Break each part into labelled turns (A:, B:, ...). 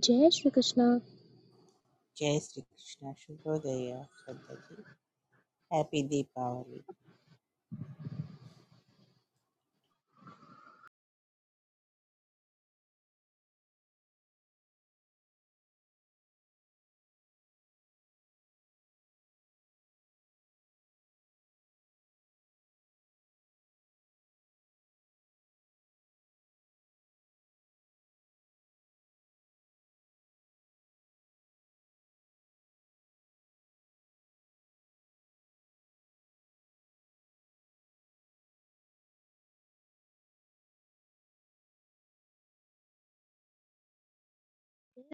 A: Jai Shri Krishna
B: जय श्री कृष्ण शुभोदय Shraddha ji happy Deepavali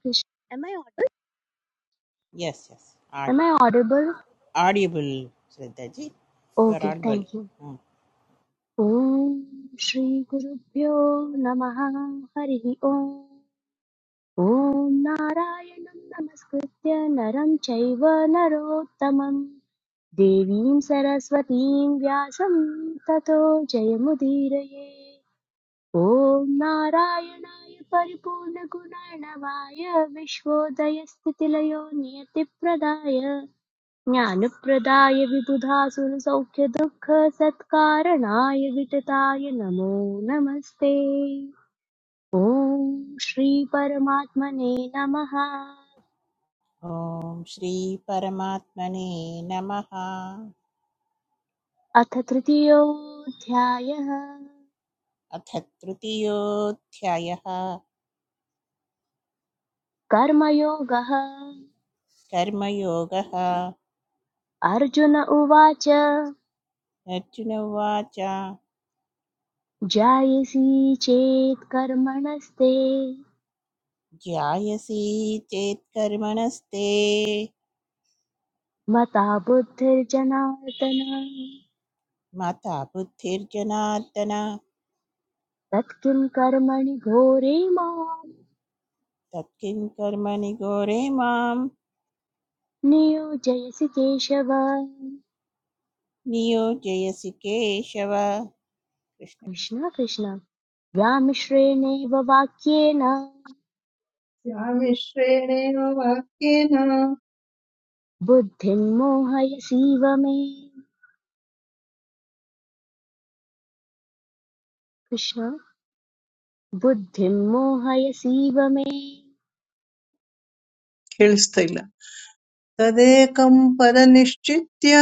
C: Krishna. Am I audible?
B: Yes yes आड
C: Am I audible?
B: Audible Shraddha ji you are
C: Okay,
B: audible
C: thank you. ॐ श्रीगुरुभ्यो नमः हरिः ॐ ॐ नारायणं नमस्कृत्य नरं चैव नरोत्तमं देवीं सरस्वतीं व्यासं ततो जयमुदीरये ॐ नारायणाय परिपूर्णगुणार्णवाय विश्वोदयस्थितिलयो नियतिप्रदाय ज्ञानप्रदाय विबुधासुरसौख्यदुःखसत्कारणाय वितताय नमो नमस्ते ॐ श्री परमात्मने नमः
B: ओम श्री परमात्मने नमः
C: अथ तृतीयोऽध्यायः
B: अथ तृतीयोऽध्यायः
C: कर्मयोगः
B: कर्मयोगः
C: अर्जुन उवाच
B: अर्जुन उवाच
C: जायसी चेत् कर्मणस्ते
B: ज्यायसि चेत् कर्मणस्ते
C: मता बुद्धिर्जनार्दन
B: मता बुद्धिर्जनार्दन
C: तत्किं कर्मणि घोरे माम्
B: तत्किं कर्मणि घोरे माम्
C: नियोजयसि केशव
B: नियोजयसि केशव कृष्ण
C: कृष्ण कृष्ण व्यामिश्रेणेव वाक्येन
D: या वाक्येन
C: बुद्धिं मोहयसीव मे कृष्ण बुद्धिं मोहयसीव मे
D: ಕೇಳಿಸ್ತಾ ಇಲ್ಲ ತದೇಕಂ ಪದನಿಶ್ಚಿತ್ಯ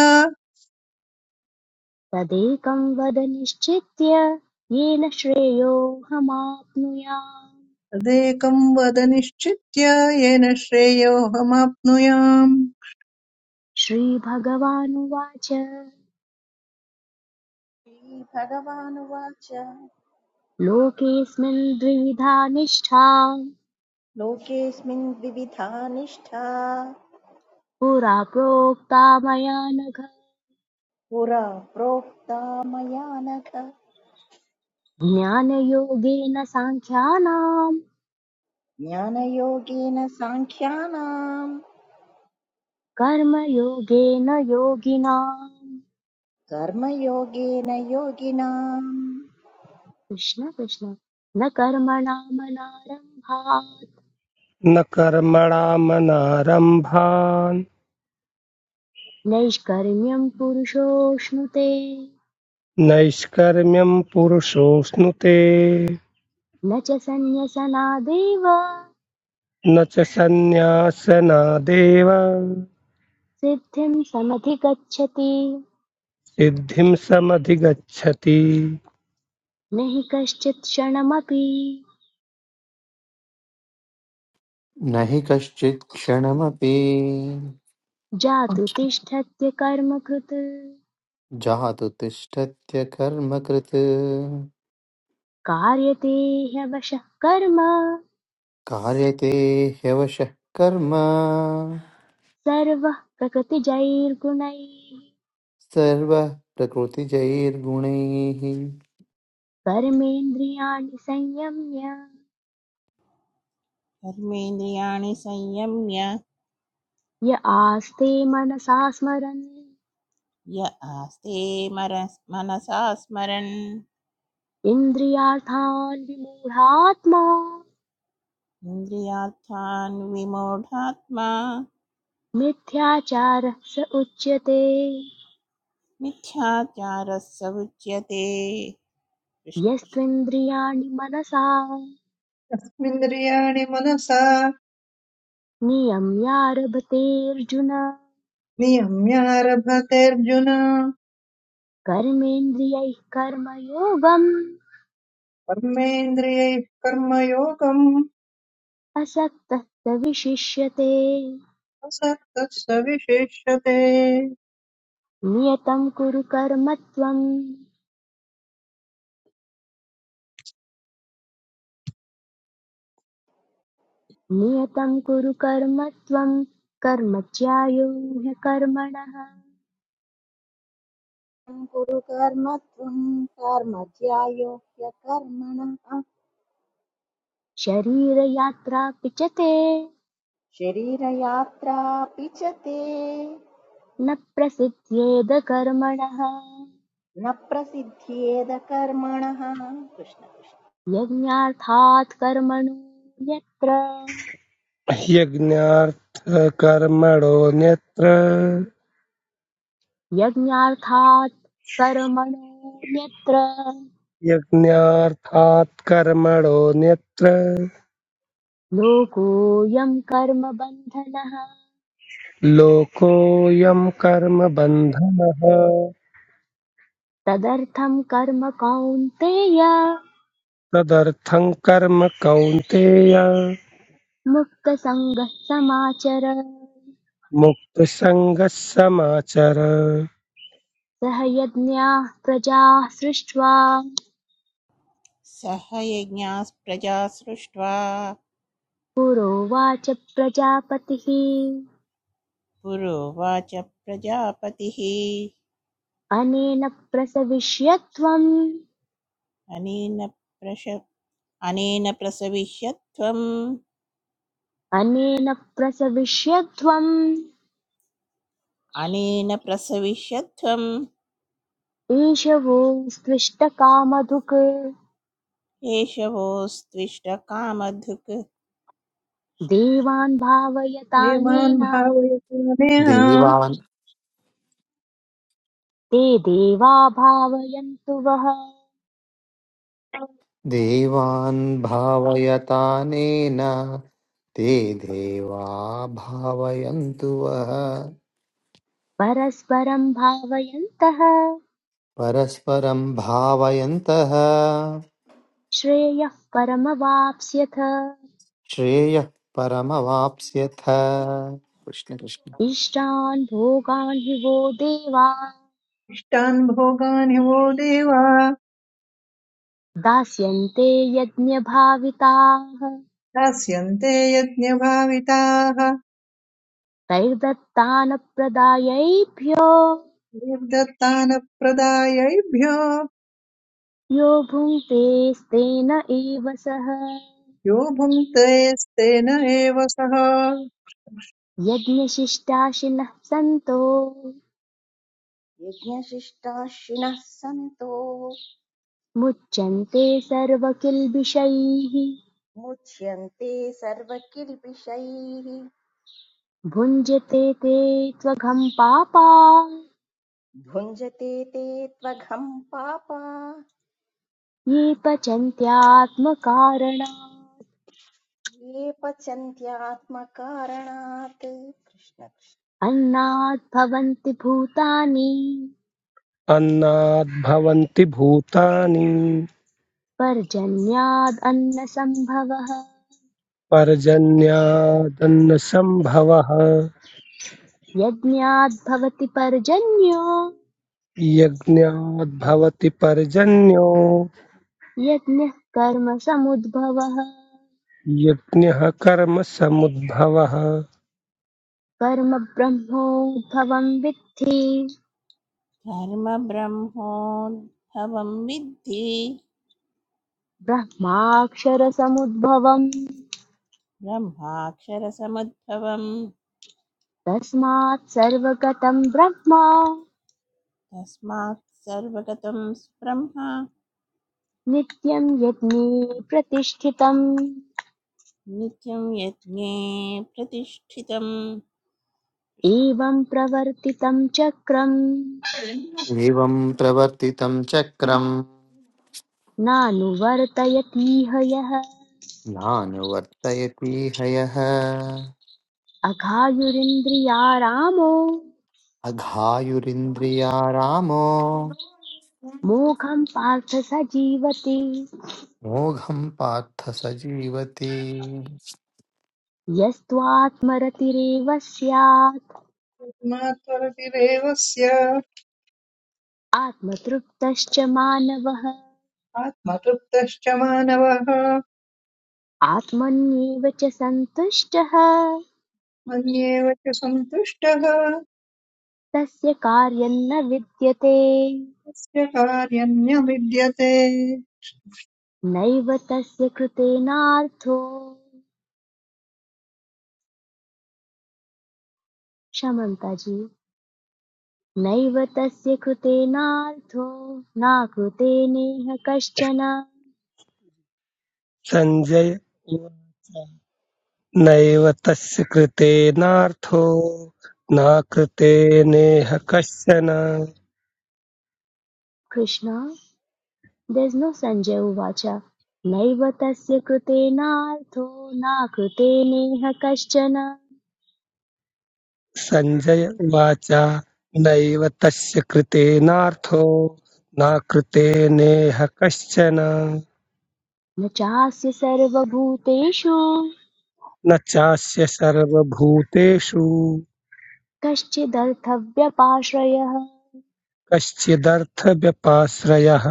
C: तदेकं वद निश्चित्य येन श्रेयोऽहमाप्नुयाम्
D: ತದೇಕಂ ವದನಿಶ್ಚಿತ್ಯ ಯೇನ ಶ್ರೇಯೋಹಮಾಪ್ನುಯಾಮ್
C: श्रीभगवानुवाच
E: श्रीभगवानुवाच
C: लोकेऽस्मिन् द्विविधा निष्ठा
E: लोकेऽस्मिन् द्विविधा निष्ठा
C: पुरा प्रोक्ता मया नघ
E: पुरा प्रोक्ता मया नख
C: ज्ञानयोगेन साङ्ख्यानां
E: ज्ञानयोगेन साङ्ख्यानाम्
C: कर्मयोगेन योगिनाम्
E: कर्मयोगेन योगिनाम्
C: कृष्ण कृष्ण न कर्मणामनारम्भात्
F: न कर्मणामनारम्भान्
C: नैष्कर्म्यं पुरुषोऽश्नुते
F: नैष्कर्म्यम् पुरुषोऽश्नुते
C: न च सन्न्यसनादेव
F: न च सन्न्यासनादेव
C: सिद्धिं समधिगच्छति
F: सिद्धिं समधिगच्छति
C: न हि कश्चित् क्षणमपि
G: न हि कश्चित् क्षणमपि
C: जातु तिष्ठत्य कर्म कृत्
G: जातु तिष्ठत्य कर्मकृत्
C: कार्यते ह्यवशः कर्म
G: कार्यते ह्यवशः कर्म
C: सर्वः प्रकृतिजैर्गुणैः
G: सर्वः प्रकृतिजैर्गुणैः
C: कर्मेन्द्रियाणि संयम्य
B: धर्मेन्द्रियाणि संयम्य
C: य आस्ते मनसा स्मरन्
B: य आस्ते मरस् मनसा स्मरन्
C: इन्द्रियार्थान् विमूढात्मा
B: इन्द्रियार्थान् विमूढात्मा
C: मिथ्याचारः स उच्यते
B: मिथ्याचारः स उच्यते कृष्ण
C: यस्त्विन्द्रियाणि मनसा
D: तस्मिन्द्रियाणि मनसा
C: नियम्यारभतेऽर्जुन
D: नियम्यारभतेऽर्जुन
C: कर्मेन्द्रियैः कर्मयोगम्
D: कर्मेन्द्रियैः कर्मयोगम्
C: असक्तः स विशिष्यते
D: असक्तः स विशेष्यते
C: नियतं कुरु कर्म त्वम् नियतं कुरु कर्म त्वं कर्म ज्यायो ह्यकर्मणः
E: तं कुरु कर्म त्वं कर्म ध्यायो ह्यकर्मणः
C: शरीरयात्रापि च ते
E: शरीरयात्रापि च ते
C: न प्रसिद्ध्येद कर्मणः
E: न प्रसिद्ध्येद कर्मणः कृष्ण कृष्ण
C: यज्ञार्थात् कर्मणो यत्र
F: यज्ञार्थकर्मणोऽन्यत्र
C: यज्ञार्थात् कर्मणो यत्र
F: यज्ञार्थात् कर्मणोऽन्यत्र
C: लोकोऽयं कर्मबन्धनः
F: लोकोऽयं कर्म बन्धनः
C: तदर्थं कर्म कौन्तेय
F: तदर्थं कर्म कौन्तेय
C: मुक्तसङ्गः समाचर
F: मुक्तसङ्गः समाचर
C: सह यज्ञाः प्रजाः सृष्ट्वा
B: सह यज्ञाः प्रजा सृष्ट्वा
C: पुरोवाच प्रजापतिः
B: पुरोवाच प्रजापतिः
C: अनेन प्रसविष्यत्वम्
B: अनेन प्रश अनेन प्रसविष्यत्वम्
C: अनेन प्रसविष्यत्वम्
B: अनेन प्रसविष्यत्वम्
C: ईशवोऽस्त्विष्टकामधुक्
B: एषवोस्त्विष्टकामधुक्
C: देवान्
D: देवान्
C: भावयतानेन
D: भावयति नेह
G: देवान्
C: ते देवा भावयन्तु वः
G: देवान् भावयतानेन ते देवा भावयन्तु वः
C: परस्परं भावयन्तः
G: परस्परं भावयन्तः
C: श्रेयः परमवाप्स्यथ
G: श्रेयः परमवाप्स्यथ कृष्ण कृष्ण
C: इष्टान् भोगान् हि वो देवा
D: इष्टान् भोगान् हि वो देवा
C: दास्यन्ते यज्ञभाविताः
D: दास्यन्ते यज्ञभाविताः
C: तैर्दत्तानप्रदायैभ्यो
D: देवदत्तानप्रदायैभ्यो
C: यो भुङ्क्तेस्तेन एव सः
D: यो भुङ्क्तेस्तेन एव सः
C: यज्ञशिष्टाशिनः सन्तो
E: यज्ञशिष्टाशिनः सन्तो
C: मुच्यन्ते सर्वकिल्बिषैः
E: मुच्छन्ते सर्वकिल्पिष्यि
C: भुञ्जते ते त्वघं पापा
E: ढूंढते ते त्वा घम्पापा
C: ये पचन्त्यात्मकारणात्
E: ये पचन्त्य आत्मकारणात् कृष्ण कृष्ण
C: अन्नात् भवन्ति भूतानि
F: अन्नाद्भवन्ति भूतानि
C: पर्जन्याद् अन्नसम्भवः
F: पर्जन्यादन्नसम्भवः
C: यज्ञाद् भवति पर्जन्यो
F: यज्ञाद्भवति पर्जन्यो
C: यज्ञः कर्मसमुद्भवः
F: यज्ञः कर्म समुद्भवः
C: कर्म ब्रह्मोद्भवं विद्धि
B: धर्मब्रह्मोद्भवं विद्धि
C: ब्रह्माक्षरसमुद्भवम्
B: ब्रह्माक्षरसमुद्भवं
C: तस्मात् सर्वगतं ब्रह्म
B: तस्मात् सर्वगतं ब्रह्म
C: नित्यं यज्ञे प्रतिष्ठितम्
B: नित्यं यज्ञे प्रतिष्ठितं
C: एवं प्रवर्तितं चक्रं
G: एवं प्रवर्तितं चक्रं
C: नानुवर्तयतीह यः
G: नानुवर्तयति हयः
C: अघायुरिन्द्रियारामो
G: अघायुरिन्द्रियारामो
C: मोघं पार्थ स जीवति
G: मोघं पार्थ स जीवति
C: यस्त्वात्मरतिरेव स्यात्
D: आत्मात्मरतिरेवस्य
C: आत्मतृप्तश्च मानवः
D: आत्मतृप्तश्च मानवः
C: आत्मन्येव च सन्तुष्टः
D: मन्येव च सन्तुष्टः तस्य
C: तस्य कार्यं न विद्यते
D: कार्यन्य विद्यते
C: नैव तस्य कृतेनार्थो क्षमन्ता जी नैव तस्य कृतेनार्थो न कृते नेह कश्चन
F: सञ्जय उवाच नैव तस्य कृतेनार्थो न कृते नेह कश्चन
C: कृष्ण देस् नो सञ्जय उवाच नैव तस्य कृतेनार्थो न कृते नेह कश्चन
F: सञ्जय उवाच नैव तस्य कृतेनार्थो न कृतेनेह कश्चन
C: न चास्य सर्वभूतेषु
F: न चास्य सर्वभूतेषु
C: कश्चिदर्थव्यपाश्रयः
F: कश्चिदर्थव्यपाश्रयः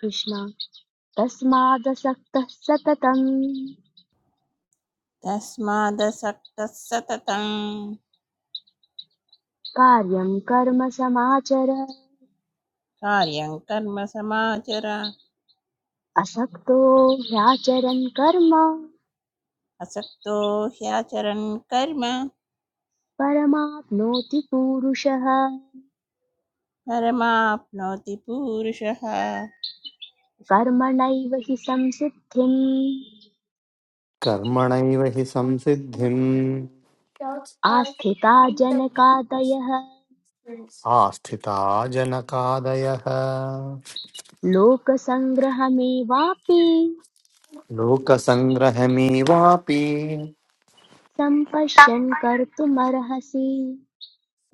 C: कृष्ण तस्मादसक्तः सततम्
B: तस्मादसक्तः सततं
C: कार्यं कर्म समाचर
B: कार्यं कर्म समाचर
C: असक्तो ह्याचरन् कर्म
B: असक्तो ह्याचरन् कर्म
C: परमाप्नोति पूरुषः
B: परमाप्नोति पूरुषः
C: कर्मणैव हि संसिद्धिम्
G: कर्मणैव हि संसिद्धिम्
C: आस्थिता जनकादयः
G: आस्थिता जनकादयः
C: लोकसङ्ग्रहमेवापि
G: लोकसङ्ग्रहमेवापि
C: सम्पश्यन् कर्तुमर्हसि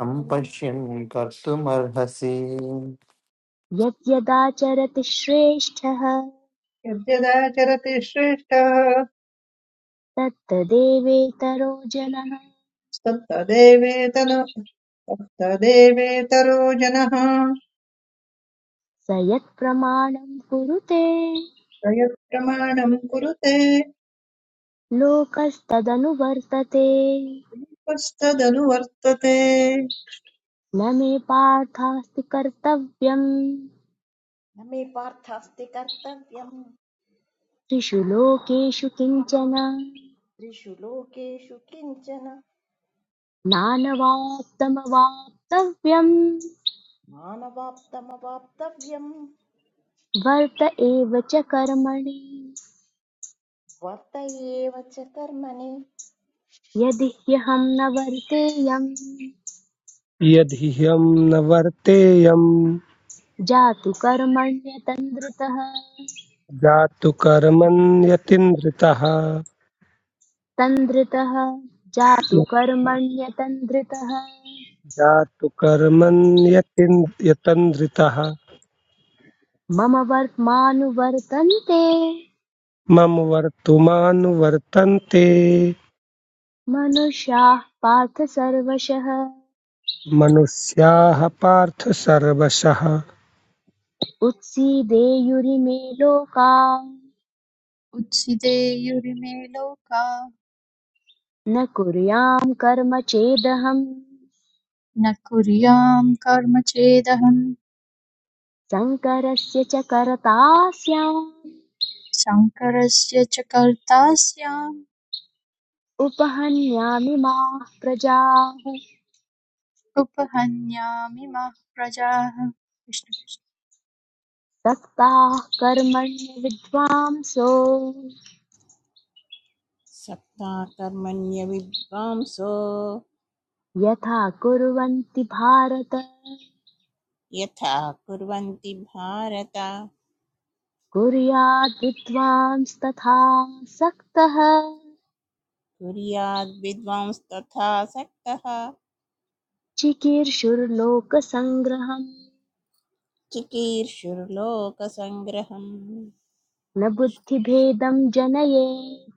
G: सम्पश्यन् कर्तुमर्हसि
C: यद्यदाचरति श्रेष्ठः
D: यद्यदाचरति श्रेष्ठः
C: तत्तदेवेतरो जनः
D: तत्तदेवेतन तत्तदेवेतरो जनः
C: स यत्प्रमाणम् कुरुते
D: प्रयत्प्रमाणम् कुरुते
C: लोकस्तदनुवर्तते न
D: तत्तदनु वर्तते
C: मे पार्थास्ति कर्तव्यम्
E: नमः पार्थास्तिकर्तव्यम्
C: त्रिषु लोकेषु किञ्चन
E: ऋषुलोके शुकिंचन
C: नानवाप्तमवाप्तव्यम्
E: मानवाप्ता माबाप्तव्यम्
C: वर्त एव च कर्मणि
E: वत्तये वच्चतरमनि
C: यदि ह्यहम् न वर्तेयम्
F: यदि ह्यं न वर्तेयं
C: जातु कर्मण्यतन्द्रितः
F: जातु कर्मण्यतिन्द्रितः
C: तन्द्रितः जातु कर्मण्यतन्द्रितः
F: जातु कर्मण्यतिन् यतन्द्रितः
C: मम वर्त्मानुवर्तन्ते
F: मम वर्तमानुवर्तन्ते
C: मनुष्याः पार्थ सर्वशः
F: मनुष्याः पार्थ सर्वशः
C: उत्सीदेयुरिमे लोकाः
H: उच्छिदेयुरिमे लोका
C: न कुर्यां कर्म चेदहम्
H: न कुर्याम् कर्म चेदहम्
C: शङ्करस्य च कर्ता स्याम्
H: शङ्करस्य च कर्ता स्याम्
C: उपहन्यामि माः प्रजाः
H: उपहन्यामि मः प्रजाः कृष्ण कृष्ण।
C: सक्ताः कर्मण्य विद्वांसो
B: सप्ताकर्मण्यविद्वांसो
C: यथा कुर्वन्ति भारत
B: यथा कुर्वन्ति भारत
C: कुर्याद् विद्वांस्तथा सक्तः
B: कुर्याद् विद्वांस्तथा सक्तः
C: चिकीर्षुर्लोकसङ्ग्रहम्
B: चिकीर्षुर्लोकसङ्ग्रहम्
C: न बुद्धिभेदम् जनयेत्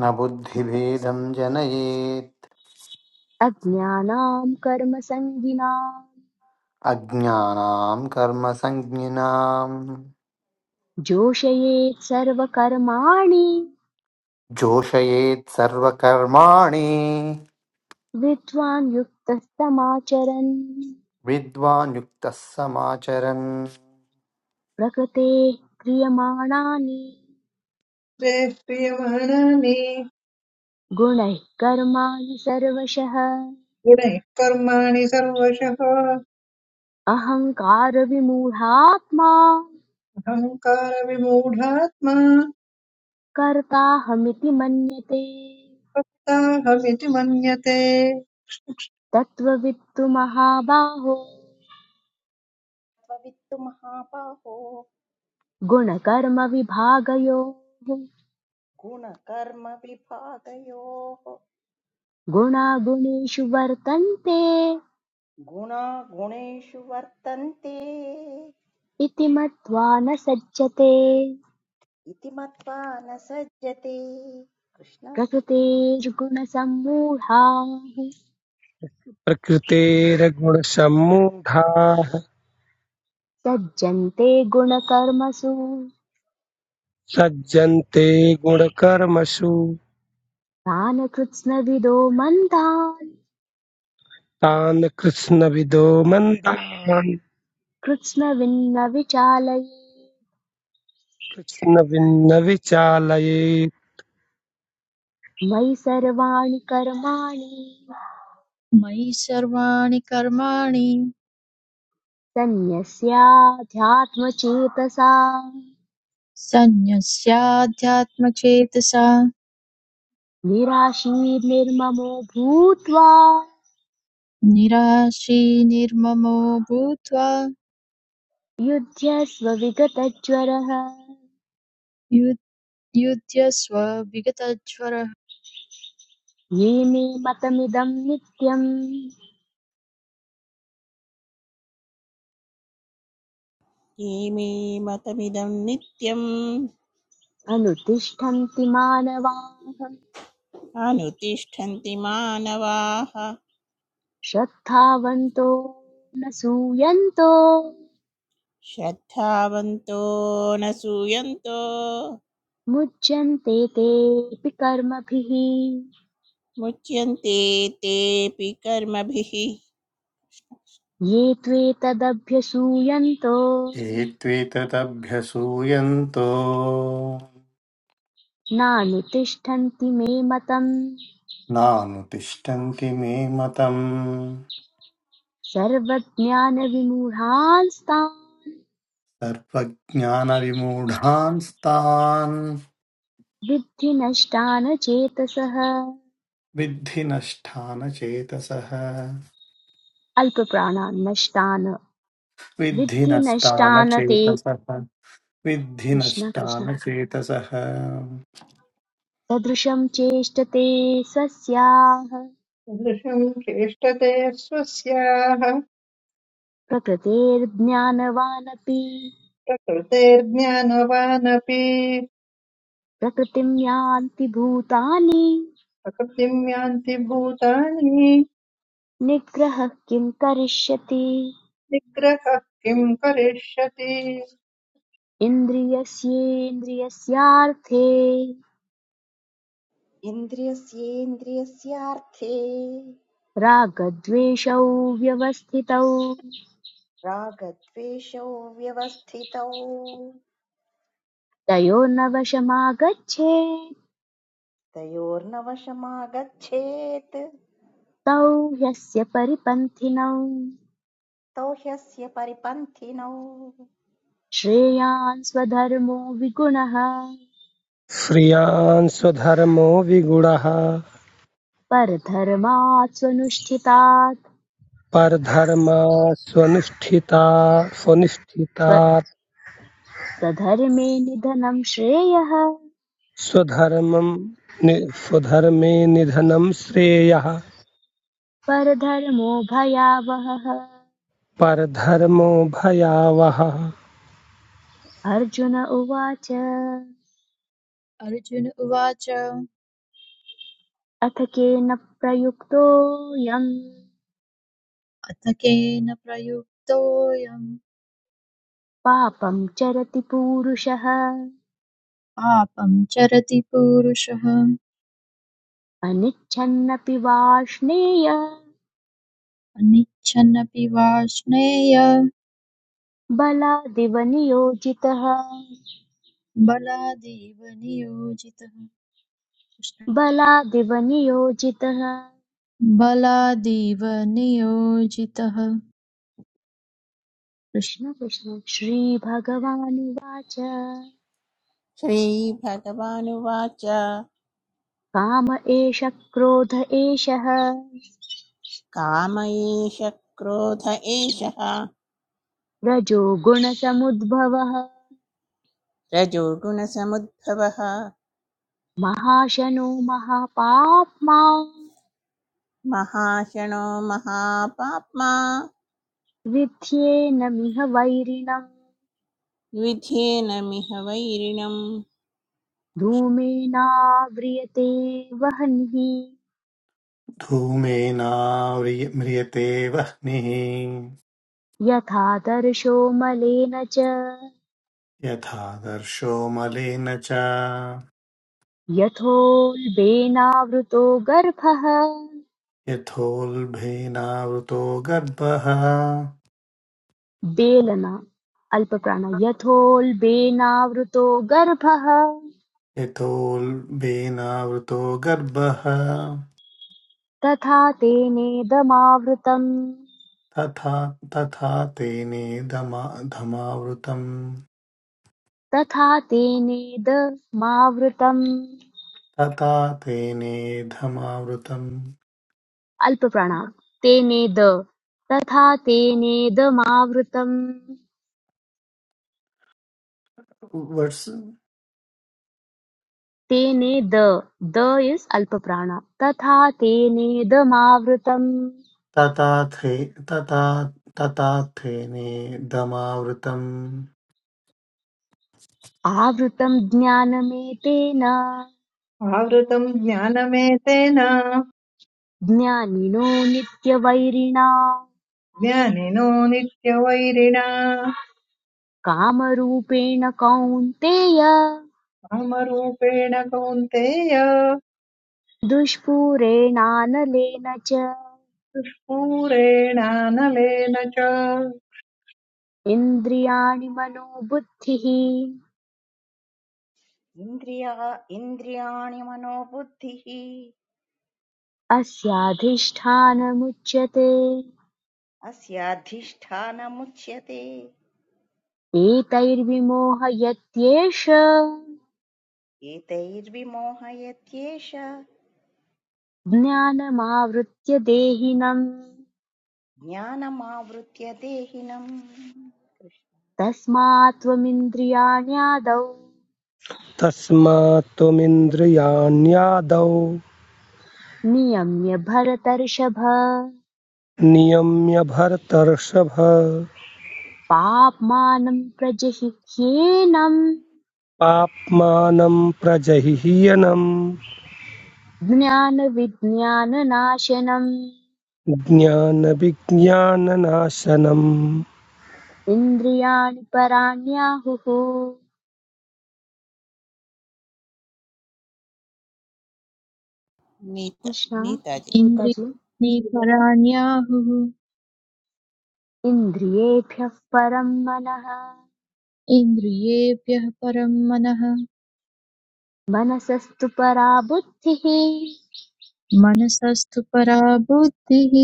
G: न बुद्धिभेदं जनयेत्
C: अज्ञानाम् कर्मसङ्गिनाम्
G: अज्ञानां कर्मसञ्ज्ञिनां
C: जोषयेत् सर्वकर्माणि
G: जोषयेत् सर्वकर्माणि
C: विद्वान् युक्तस्तमाचरन्
G: विद्वान् युक्तः समाचरन्
C: प्रकृतेः क्रियमाणानि
D: ते क्रियमाणानि
C: गुणैः कर्माणि सर्वशः
D: गुणैः कर्माणि सर्वशः
C: अहङ्कारविमूढात्मा
D: अहङ्कारविमूढात्मा
C: कर्ताहमिति मन्यते
D: भक्ताहमिति मन्यते
C: तत्त्ववित्तु महाबाहो
E: त्वा वित्तमहापा हो
C: गुणकर्मविभागयोः
E: गुणकर्मा विभागयो हो
C: गुणागुणेषु वर्तन्ते
E: गुणा गुणेशुवर्तन्ते
C: इति मत्वा न सज्जते
E: इति मत्वा न सज्जते कृष्ण कृष्ण
C: प्रकृतेर्गुणसम्मूढाः
F: प्रकृतेर्गुणसम्मूढाः
C: सज्जन्ते गुणकर्मसु
F: सज्जन्ते गुणकर्मसु
C: तान् कृत्स्नविदो मन्दान्
F: तान् कृष्णविदो मन्दान्
C: कृत्स्नविन्न विचालये
F: कृष्णभिन्न विचालयेत्
C: मयि सर्वाणि कर्माणि
H: मयि सर्वाणि कर्माणि
C: सन्न्यस्याध्यात्मचेतसा
H: सन्न्यस्याध्यात्मचेतसा
C: निराशीर्निर्ममो भूत्वा
H: निराशी निर्ममो भूत्वा
C: युध्यस्व विगतज्वरः
H: युद्- युध्यस्व विगतज्वरः
C: ये मे मतमिदं नित्यम्
B: ये मे मतमिदं नित्यम्
C: अनुतिष्ठन्ति मानवाः
B: अनुतिष्ठन्ति मानवाः
C: श्रद्धावन्तो न सूयन्तो
B: श्रद्धावन्तो न सूयन्तो
C: मुच्यन्ते तेऽपि कर्मभिः
B: मुच्यन्ते तेऽपि कर्मभिः
C: ये त्वेतदभ्यसूयन्तो
G: ये त्वेतदभ्यसूयन्तो
C: नानुतिष्ठन्ति मे मतम्
G: नानुतिष्ठन्ति मे मतम्
C: सर्वज्ञानविमूढांस्तान्
G: सर्वज्ञानविमूढांस्तान्
C: विद्धि नष्टान् चेतसः
G: विद्धि नष्टानचेतसः
C: अल्पप्राणान् नष्टान्
G: विद्धि
C: विद्धि नष्टान् ते
G: नष्टानचेतसः विद्धि
C: कृष्ण कृष्ण
G: नष्टानचेतसः
C: सदृशं चेष्टते स्वस्याः
D: दृशम् चेष्टते स्वस्याः
C: प्रकृतेर्ज्ञानवानपि
D: प्रकृतेर्ज्ञानवानपि
C: प्रकृतिं यान्ति भूतानि
D: प्रकृतिम् यान्ति भूतानि
C: निग्रहः किं करिष्यति
D: निग्रहः किम् करिष्यति
C: इन्द्रियस्येन्द्रियस्यार्थे
E: इन्द्रियस्येन्द्रियस्यार्थे
C: रागद्वेषौ व्यवस्थितौ
E: रागद्वेषौ व्यवस्थितौ
C: तयोर्नवशमागच्छेत्
E: तयोर्नवशमागच्छेत्
C: तौ ह्यस्य परिपन्थिनौ
E: तौ ह्यस्य परिपन्थिनौ
C: श्रेयान् स्वधर्मो विगुणः
F: श्रियान् स्वधर्मो विगुणः
C: परधर्मात् स्वनुष्ठितात्
F: परधर्मा स्वनुष्ठिता
C: स्व
F: स्वनिष्ठितात्
C: स्वधर्मे निधनं श्रेयः
F: स्वधर्मं नि- स्वधर्मे निधनं श्रेयः
C: परधर्मो भयावहः
F: परधर्मो भयावहः
C: अर्जुन उवाच
H: अर्जुन उवाच
C: अथ केन प्रयुक्तोऽयम्
H: अथ केन प्रयुक्तोऽयम्
C: पापं चरति पूरुषः
H: पापं चरति पुरुषः
C: अनिच्छन्नपि वाष्णेय
H: अनिच्छन्नपि वार्ष्णेय
C: बलादिव नियोजितः
H: बलादेव नियोजितः कृष्ण
C: बलादिव नियोजितः
H: बलादेव नियोजितः कृष्ण-
C: कृष्ण कृष्ण श्रीभगवानुवाच
B: श्रीभगवानुवाच
C: काम एष क्रोध एषः
B: काम एष क्रोध एषः
C: रजो गुणसमुद्भवः
B: रजोगुणसमुद्भवः
C: महाशनो महापाप्मा
B: महाशनो महापाप्मा
C: विध्येनमिह वैरिणम्
B: विधेन मिह वैरिणम्
C: धूमेनाव्रियते वह्निः
G: धूमेनाव्रिय- म्रियते वह्निः
C: यथा दर्शो मलेन च
G: यथा दर्शो मलेन च
C: यथोल्बेनावृतो गर्भः
G: यथोल्बेनावृतो गर्भः
C: बेलना अल्पप्राण यथोल्बेनावृतो गर्भः
G: यथोल्बेनावृतो गर्भः
C: तथा तेनेदमावृतम्
G: तथा तथा तेने धमा धमावृतम्
C: तथा तेनेदमावृतम्
G: तथा तेने धमावृतम्
C: अल्पप्राणात् तेनेद तथा तेनेदमावृतम्
G: वर्स्
C: तेनेद द इस् अल्पप्राण तथा तेनेदमावृतम्
G: तथा थे तथा तथा तेने धमावृतम्
C: आवृतं ज्ञानमेतेन
D: आवृतम् ज्ञानमेतेन
C: ज्ञानिनो नित्यवैरिणा
D: ज्ञानिनो नित्यवैरिणा
C: कामरूपेण कौन्तेय
D: कामरूपेण कौन्तेय
C: दुष्पूरेणानलेन च
D: पूरेणानलेन च
C: इन्द्रियाणि मनोबुद्धिः
E: इन्द्रिया इन्द्रियाणि मनोबुद्धिः
C: अस्याधिष्ठानमुच्यते
E: अस्याधिष्ठानमुच्यते
C: एतैर्विमोहयत्येष
E: एतैर्विमोहयत्येष
C: ज्ञानमावृत्य देहिनम्
E: ज्ञानमावृत्य देहिनम्
C: तस्मात् त्वमिन्द्रियाण्यादौ
F: तस्मात्त्वमिन्द्रियाण्यादौ
C: नियम्य भरतर्षभ
F: नियम्य भरतर्षभ
C: पाप्मानं प्रजहिह्येनम्
F: पाप्मानं प्रजह्यनं
C: ज्ञानविज्ञाननाशनम्
F: ज्ञानविज्ञाननाशनम्
C: इन्द्रियाणि पराण्याहुः
B: नीता
C: कृष्ण
B: नीताजी
C: गीताजी
H: इन्द्रियाणि पराण्याहुः
C: इन्द्रियेभ्यः परं मनः
H: इन्द्रियेभ्यः परं मनः
C: मनसस्तु परा बुद्धिः
H: मनसस्तु परा बुद्धिः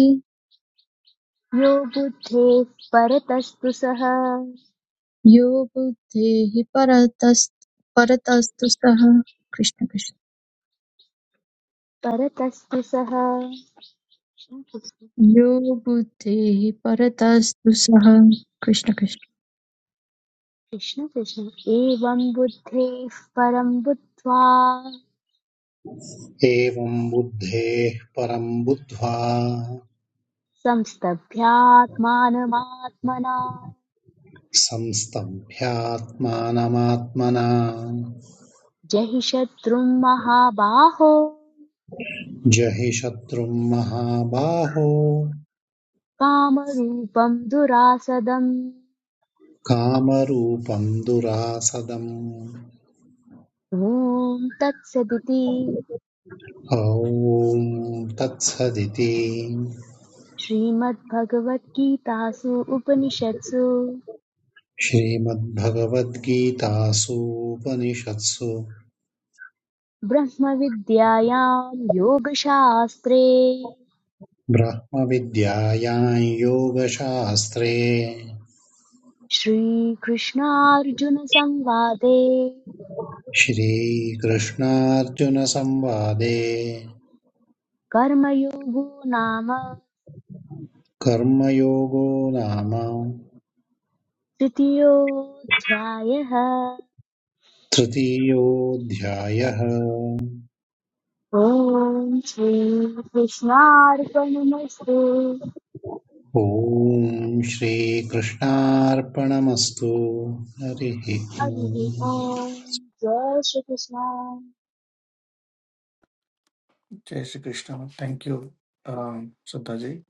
C: यो बुद्धेः परतस्तु सः
H: यो बुद्धेः परतस् परतस्तु सः कृष्ण कृष्ण।
C: परतस्तु सः कृष्ण कृष्ण
H: यो बुद्धेः परतस्तु सः कृष्ण कृष्ण
C: कृष्ण कृष्ण। एवं बुद्धेः परं बुद्ध्वा
I: एवं बुद्धेः परम् बुद्ध्वा
C: संस्तभ्यात्मानमात्मना
I: संस्तभ्यात्मानमात्मना
C: जहि शत्रुं महाबाहो
I: जहि शत्रुम् महाबाहो
C: कामरूपं दुरासदम्
I: कामरूपम् दुरासदम्
C: ॐ तत्सदिति
I: ॐ तत्सदिति
C: श्रीमद्भगवद्गीतासु उपनिषत्सु
I: श्रीमद्भगवद्गीतासूपनिषत्सु
C: ब्रह्मविद्यायां योगशास्त्रे
I: ब्रह्मविद्यायां योगशास्त्रे
C: श्रीकृष्णार्जुनसंवादे
I: श्रीकृष्णार्जुनसंवादे
C: कर्मयोगो नाम
I: कर्मयोगो नाम
C: तृतीयोऽध्यायः
I: तृतीयोऽध्यायः
C: ॐ श्रीकृष्णार्पणमस्तु
I: ॐ श्रीकृष्णार्पणमस्तु हरिः
C: हरिः
I: ॐ
C: ॐ जय Shri Krishna
G: Jai Shri Krishna. Thank you, um, Sudhaji.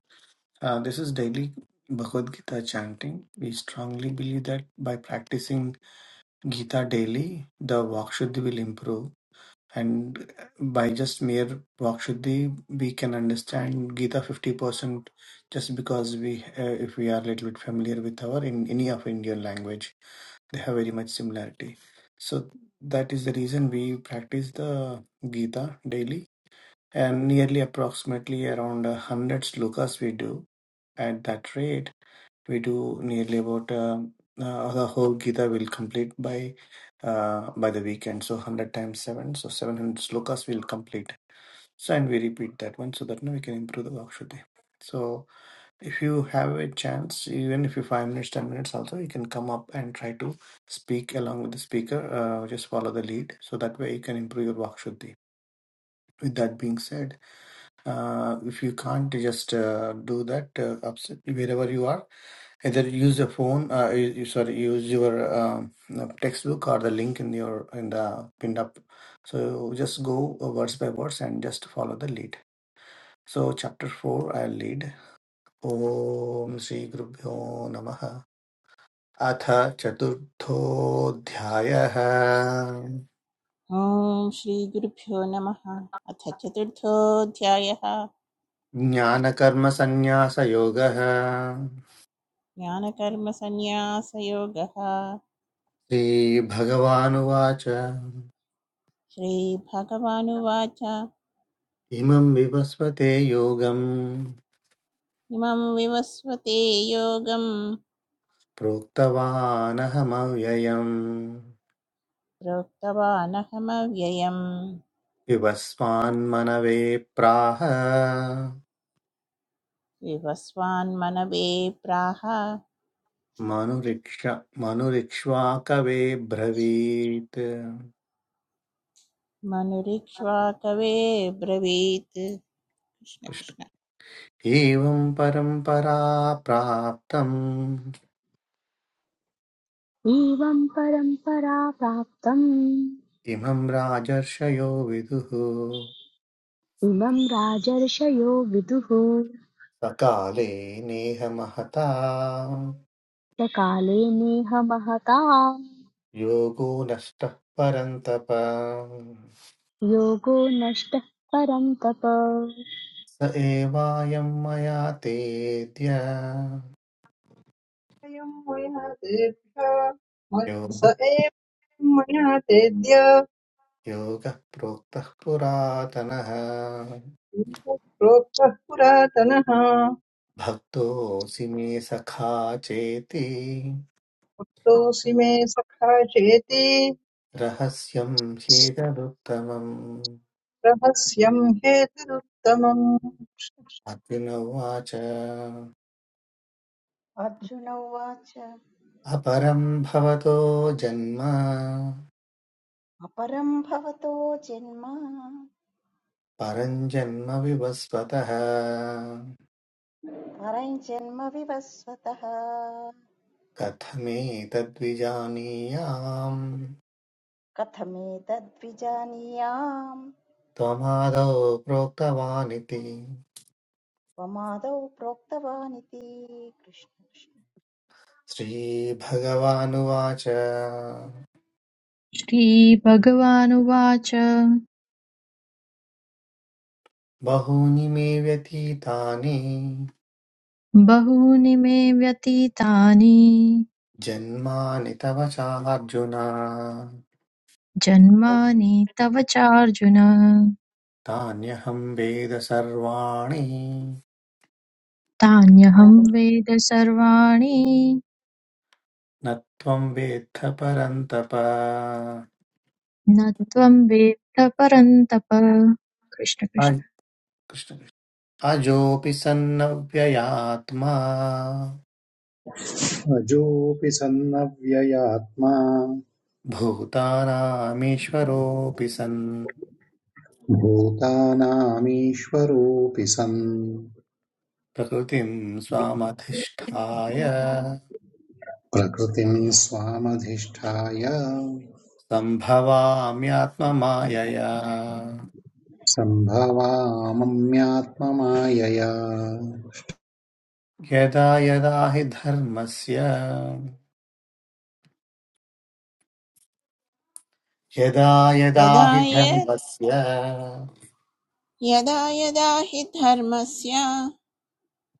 G: Uh, this is daily Bhagavad Gita chanting. We strongly believe that by practicing Gita daily, the Vakshuddhi will improve. And by just mere Vakshuddhi, we can understand Gita 50% just because we, uh, if we are a little bit familiar with our, in any of Indian language, they have very much similarity. So that is the reason we practice the Gita daily and nearly approximately around uh, 100 slokas we do at that rate we do nearly about uh, uh, the whole gita will complete by uh, by the weekend so 100 times 7 so 700 slokas will complete so and we repeat that one so that now we can improve the vakshuti so if you have a chance even if you 5 minutes 10 minutes also you can come up and try to speak along with the speaker uh, just follow the lead so that way you can improve your vakshuti with that being said Uh, if you can't just uh, do that uh, upset wherever you are, either use the phone, uh, you, you- sorry, use your um, uh, textbook or the link in your in the pinned up. So just go uh, words by words and just follow the lead. So chapter four, I'll lead. Om Sri Gurubhyo Namaha. अथ चतुर्थोऽध्यायः
B: ॐ श्रीगुरुभ्यो नमः अथ चतुर्थोऽध्यायः
G: ज्ञानकर्मसन्न्यासयोगः
B: ज्ञानकर्मसन्न्यासयोगः
G: श्रीभगवानुवाच
B: श्रीभगवानुवाच
G: इमं विवस्वते योगं
B: इमं विवस्वते योगं
G: प्रोक्तवानहमव्ययम्
B: प्रोक्तवानहमव्ययम्
G: विवस्वान्मनवे प्राह
B: विवस्वान्मनवे प्राह
G: मनुरिक्ष मनुरिक्ष्वा कवे ब्रवीत्
B: मनुरीक्ष्वा कवे ब्रवीत् कृष्ण
G: कृष्ण।
B: कृष्ण
G: एवं परम्परा प्राप्तम्
C: एवं परम्परा प्राप्तम्
G: इमं राजर्षयो विदुः
C: इमं राजर्षयो विदुः
G: सकाले नेह महता
C: सकाले नेह महता
G: योगो नष्टः परन्तप
C: योगो नष्टः परं तप
G: स एवायं मया तेऽद्य
D: अयं मया तेभ्य मत्- स
G: योगः
D: एव मया तेद्य
G: योगः प्रोक्तः पुरातनः
D: प्रोक्तः पुरातनः
G: भक्तोऽसि मे सखा चेति
D: तोऽसि मे सखा चेति
G: रहस्यं ह्येतदुत्तमम्
D: रहस्यं हेतुरुत्तमम् कर्म
G: अर्जुन उवाच अपरं
E: अर्जुन उवाच
G: भवतो जन्म
E: अपरं भवतो जन्म
G: परं जन्म विवस्वतः
E: परञ्जन्म विवस्वतः
G: कथमेतद्विजानीयाम्
E: कथमेतद्विजानीयाम्
G: त्वमादौ प्रोक्तवानिति
E: त्वमादौ प्रोक्तवानिति कृष्ण कृष्ण
G: श्रीभगवानुवाच
H: श्रीभगवानुवाच
G: बहूनि मे व्यतीतानि
H: बहूनि मे व्यतीतानि
G: जन्मानि तव चार्जुन
H: जन्मानि तव चार्जुन
G: तान्यहं वेद सर्वाणि
H: तान्यहं वेद सर्वाणि
G: न त्वं वेत्थ परन्तप
H: न त्वं वेत्त परन्तप कृष्ण
G: अज-
H: कृष्ण
G: कृष्ण- अजोऽपि सन्नव्ययात्मा
I: अजोऽपि सन्नव्ययात्मा
G: भूतानामीश्वरोऽपि सन्
I: भूतानामीश्वरोऽपि सन्
G: प्रकृतिं स्वामधिष्ठाय
I: प्रकृतिं स्वामधिष्ठाय
G: सम्भवाम्यात्ममायया
I: सम्भवामम्यात्ममायया
G: यदा यदा हि धर्मस्य यदा यदा
B: यदा
G: हि
B: य-
G: धर्मस्य
B: यदा यदा हि धर्मस्य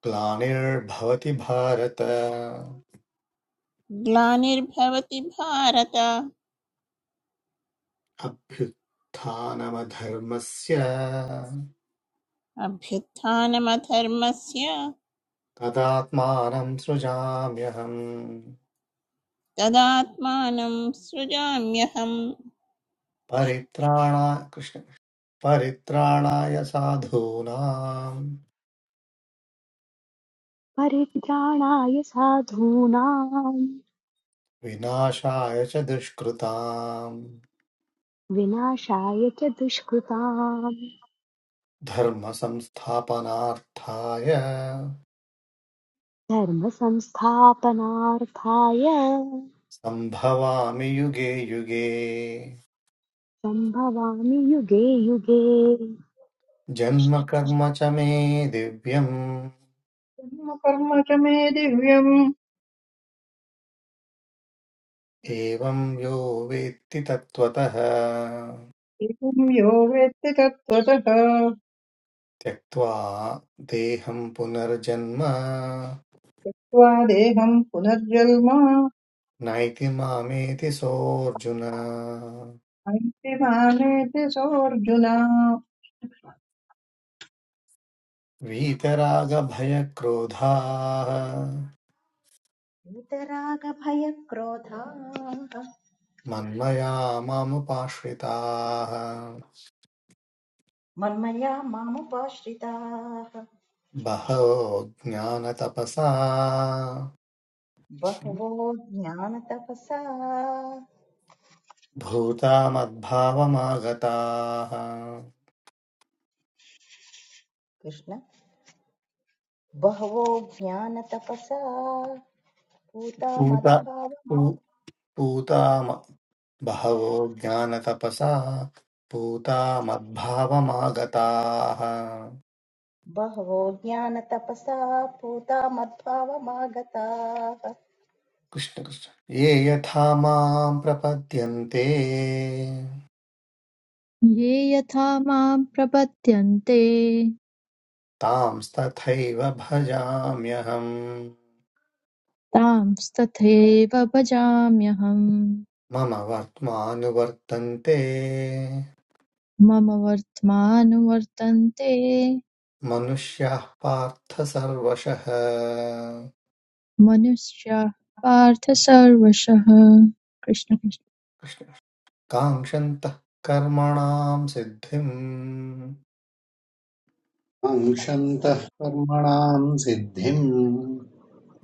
G: ग्लानिर्भवति भारत
B: ग्लानिर्भवति भारत
G: अभ्युत्थानमधर्मस्य
B: अभ्युत्थानमधर्मस्य
G: तदात्मानं सृजाम्यहम्
B: तदात्मानं सृजाम्यहम् कृष्ण।
G: परित्राणा कृष्ण परित्राणाय साधूनां
C: परित्राणाय साधूनां
G: विनाशाय च दुष्कृताम्
C: विनाशाय च दुष्कृताम्
G: धर्मसंस्थापनार्थाय
C: धर्मसंस्थापनार्थाय
G: सम्भवामि युगे युगे
C: सम्भवामि युगे युगे
G: जन्म कर्म च मे दिव्यम्
D: कर्म च मे दिव्यम्
G: एवं यो वेत्ति तत्त्वतः
D: एवं यो वेत्ति तत्त्वतः
G: त्यक्त्वा देहं पुनर्जन्म
D: त्वादेहं पुनर्जन्म
G: नैति मामेति सोऽर्जुन
D: ऐक्यभावेति सोऽर्जुन
G: वीतरागभयक्रोधाः
E: वीतरागभयक्रोधाः
G: मन्मया मामुपाश्रिताः
E: मन्मया मामुपाश्रिताः
G: बहवो ज्ञानतपसा
E: बहवो ज्ञानतपसा
G: भूता मद्भावमागताः
E: कृष्ण बहवो ज्ञानतपसा
G: पूता
E: पूता
G: पू- पूता म- बहवो ज्ञानतपसा पूता मद्भावमागताः
E: बहवो ज्ञानतपसा पूता मद्भावमागताः
G: कृष्ण कृष्ण ये यथा मां प्रपद्यन्ते
H: ये यथा मां प्रपद्यन्ते
G: तांस्तथैव भजाम्यहम्
H: तांस्तथैव भजाम्यहम्
G: मम वर्त्मानुवर्तन्ते
H: मम वर्त्मानुवर्तन्ते
G: मनुष्याः पार्थ सर्वशः
H: मनुष्याः पार्थ सर्वशः कृष्ण कृष्ण
G: कृष्ण- काङ्क्षन्तः कर्मणां सिद्धिम्
I: काङ्क्षन्तः कर्मणां सिद्धिम्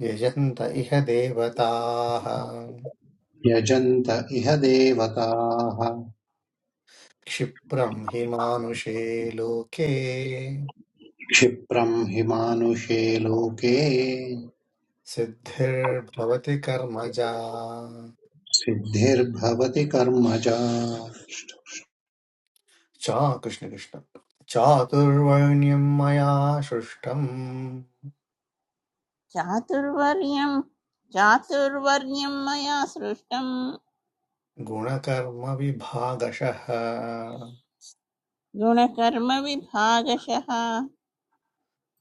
G: यजन्त इह देवताः
I: यजन्त इह देवताः
G: क्षिप्रं हि मानुषे लोके
I: क्षिप्रम् हि मानुषे लोके
G: सिद्धिर्भवति कर्मजा
I: सिद्धिर्भवति कर्मजा
G: चा कृष्णकृष्ण चातुर्वर्ण्यं मया सृष्टम्
B: चातुर्वर्ण्यं चातुर्वर्ण्यं मया सृष्टं
G: गुणकर्मविभागशः
B: गुणकर्मविभागशः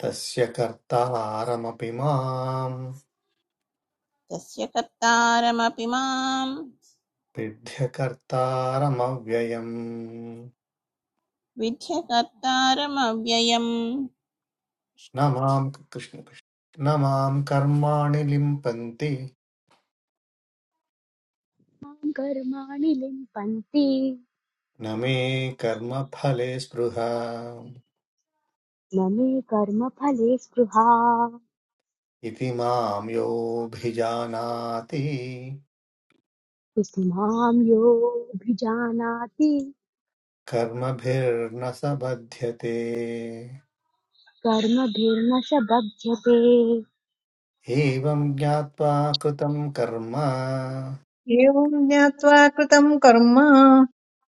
G: तस्य कर्तारमपि माम्
B: तस्य कर्तारमपि माम्
G: सिद्ध्यकर्तारमव्ययम्
B: विद्य कर्तारमव्ययम्
G: न मां कृष्णकृष्ण न मां कर्माणि लिम्पन्ति
C: मां कर्माणि लिम्पन्ति
G: न मे कर्मफले स्पृहा
C: न मे कर्मफले स्पृहा
G: इति मां योऽभिजानाति
C: इति मां योऽभिजानाति
G: कर्मभिर्न स बध्यते
C: कर्मभिर्न स बध्यते
G: एवं ज्ञात्वा कृतं कर्म
D: एवम् ज्ञात्वा कृतम् कर्म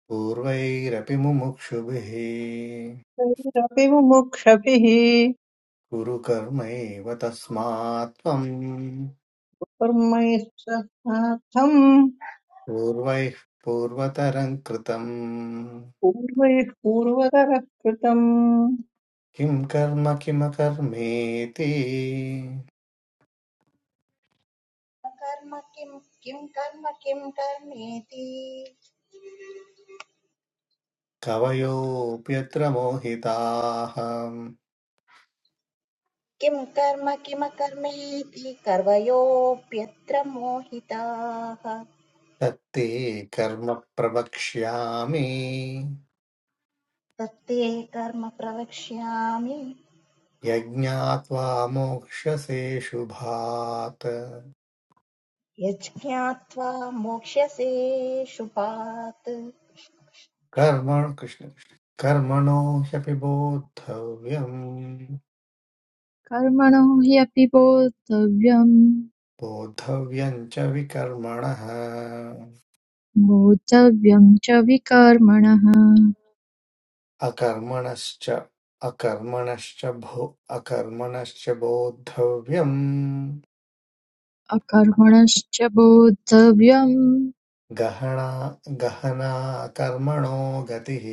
G: पूर्वैरपि मुमुक्षुभिः
D: तैरपि मुमुक्षभिः
G: कुरु कर्मैव तस्मात् त्वम्
D: कर्मैस्तथार्थम्
G: पूर्वैः पूर्वतरं कृतं
D: पूर्वैः पूर्वतरः कृतम्
G: किं कर्म किमकर्मेति
E: कर्म किं किं कर्म किं कर्मेति
G: कवयोऽप्यत्र मोहिताः
E: किं कर्म किमकर्मेति कर्वयोऽप्यत्र मोहिताः
G: तत्ते कर्म प्रवक्ष्यामि
E: तत्ते कर्म प्रवक्ष्यामि
G: यज्ञात्वा मोक्ष्यसे शुभात्
E: यज्ञात्वा मोक्ष्यसे शुपात्
G: कर्म कृष्ण कृष्ण। कर्मणो ह्यपि बोद्धव्यम्
H: कर्मणो हि अपि बोद्धव्यं
G: बोद्धव्यम् च विकर्मणः
H: बोद्धव्यं च विकर्मणः
G: अकर्मणश्च अकर्मणश्च भो अकर्मणश्च बोद्धव्यम्
H: अकर्मणश्च बोद्धव्यं
G: गहना गहना कर्मणो गतिः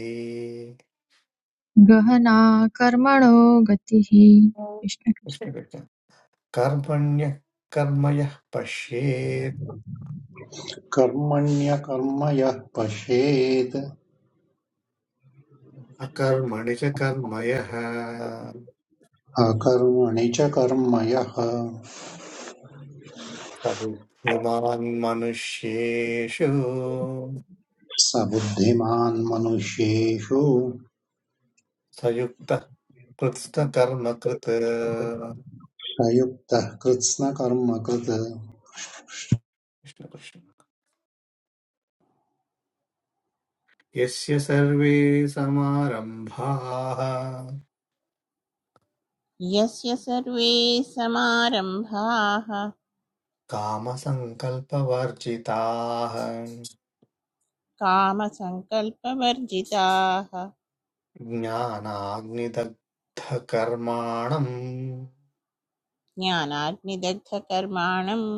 H: गहना कर्मणो गतिः कृष्ण कृष्ण
G: कृष्ण कृष्ण। कर्मण्यः कर्म पश्येत्
I: कर्मण्यकर्म यः पश्येत्
G: अकर्मणि च कर्म
I: अकर्मणि च कर्म यः
G: स बुद्धिमान् मनुष्येषु
I: स बुद्धिमान् मनुष्येषु
G: स युक्तः कृत्स्नकर्म
I: प्रयुक्तः कृत्स्नकर्मकृत्
G: कृष्ण कृष्ण यस्य सर्वे समारम्भाः
B: यस्य सर्वे समारम्भाः
G: कामसङ्कल्पवर्जिताः
B: कामसङ्कल्पवर्जिताः
G: ज्ञानाग्निदग्धकर्माणम्
B: ज्ञानाग्निदग्धकर्माणम्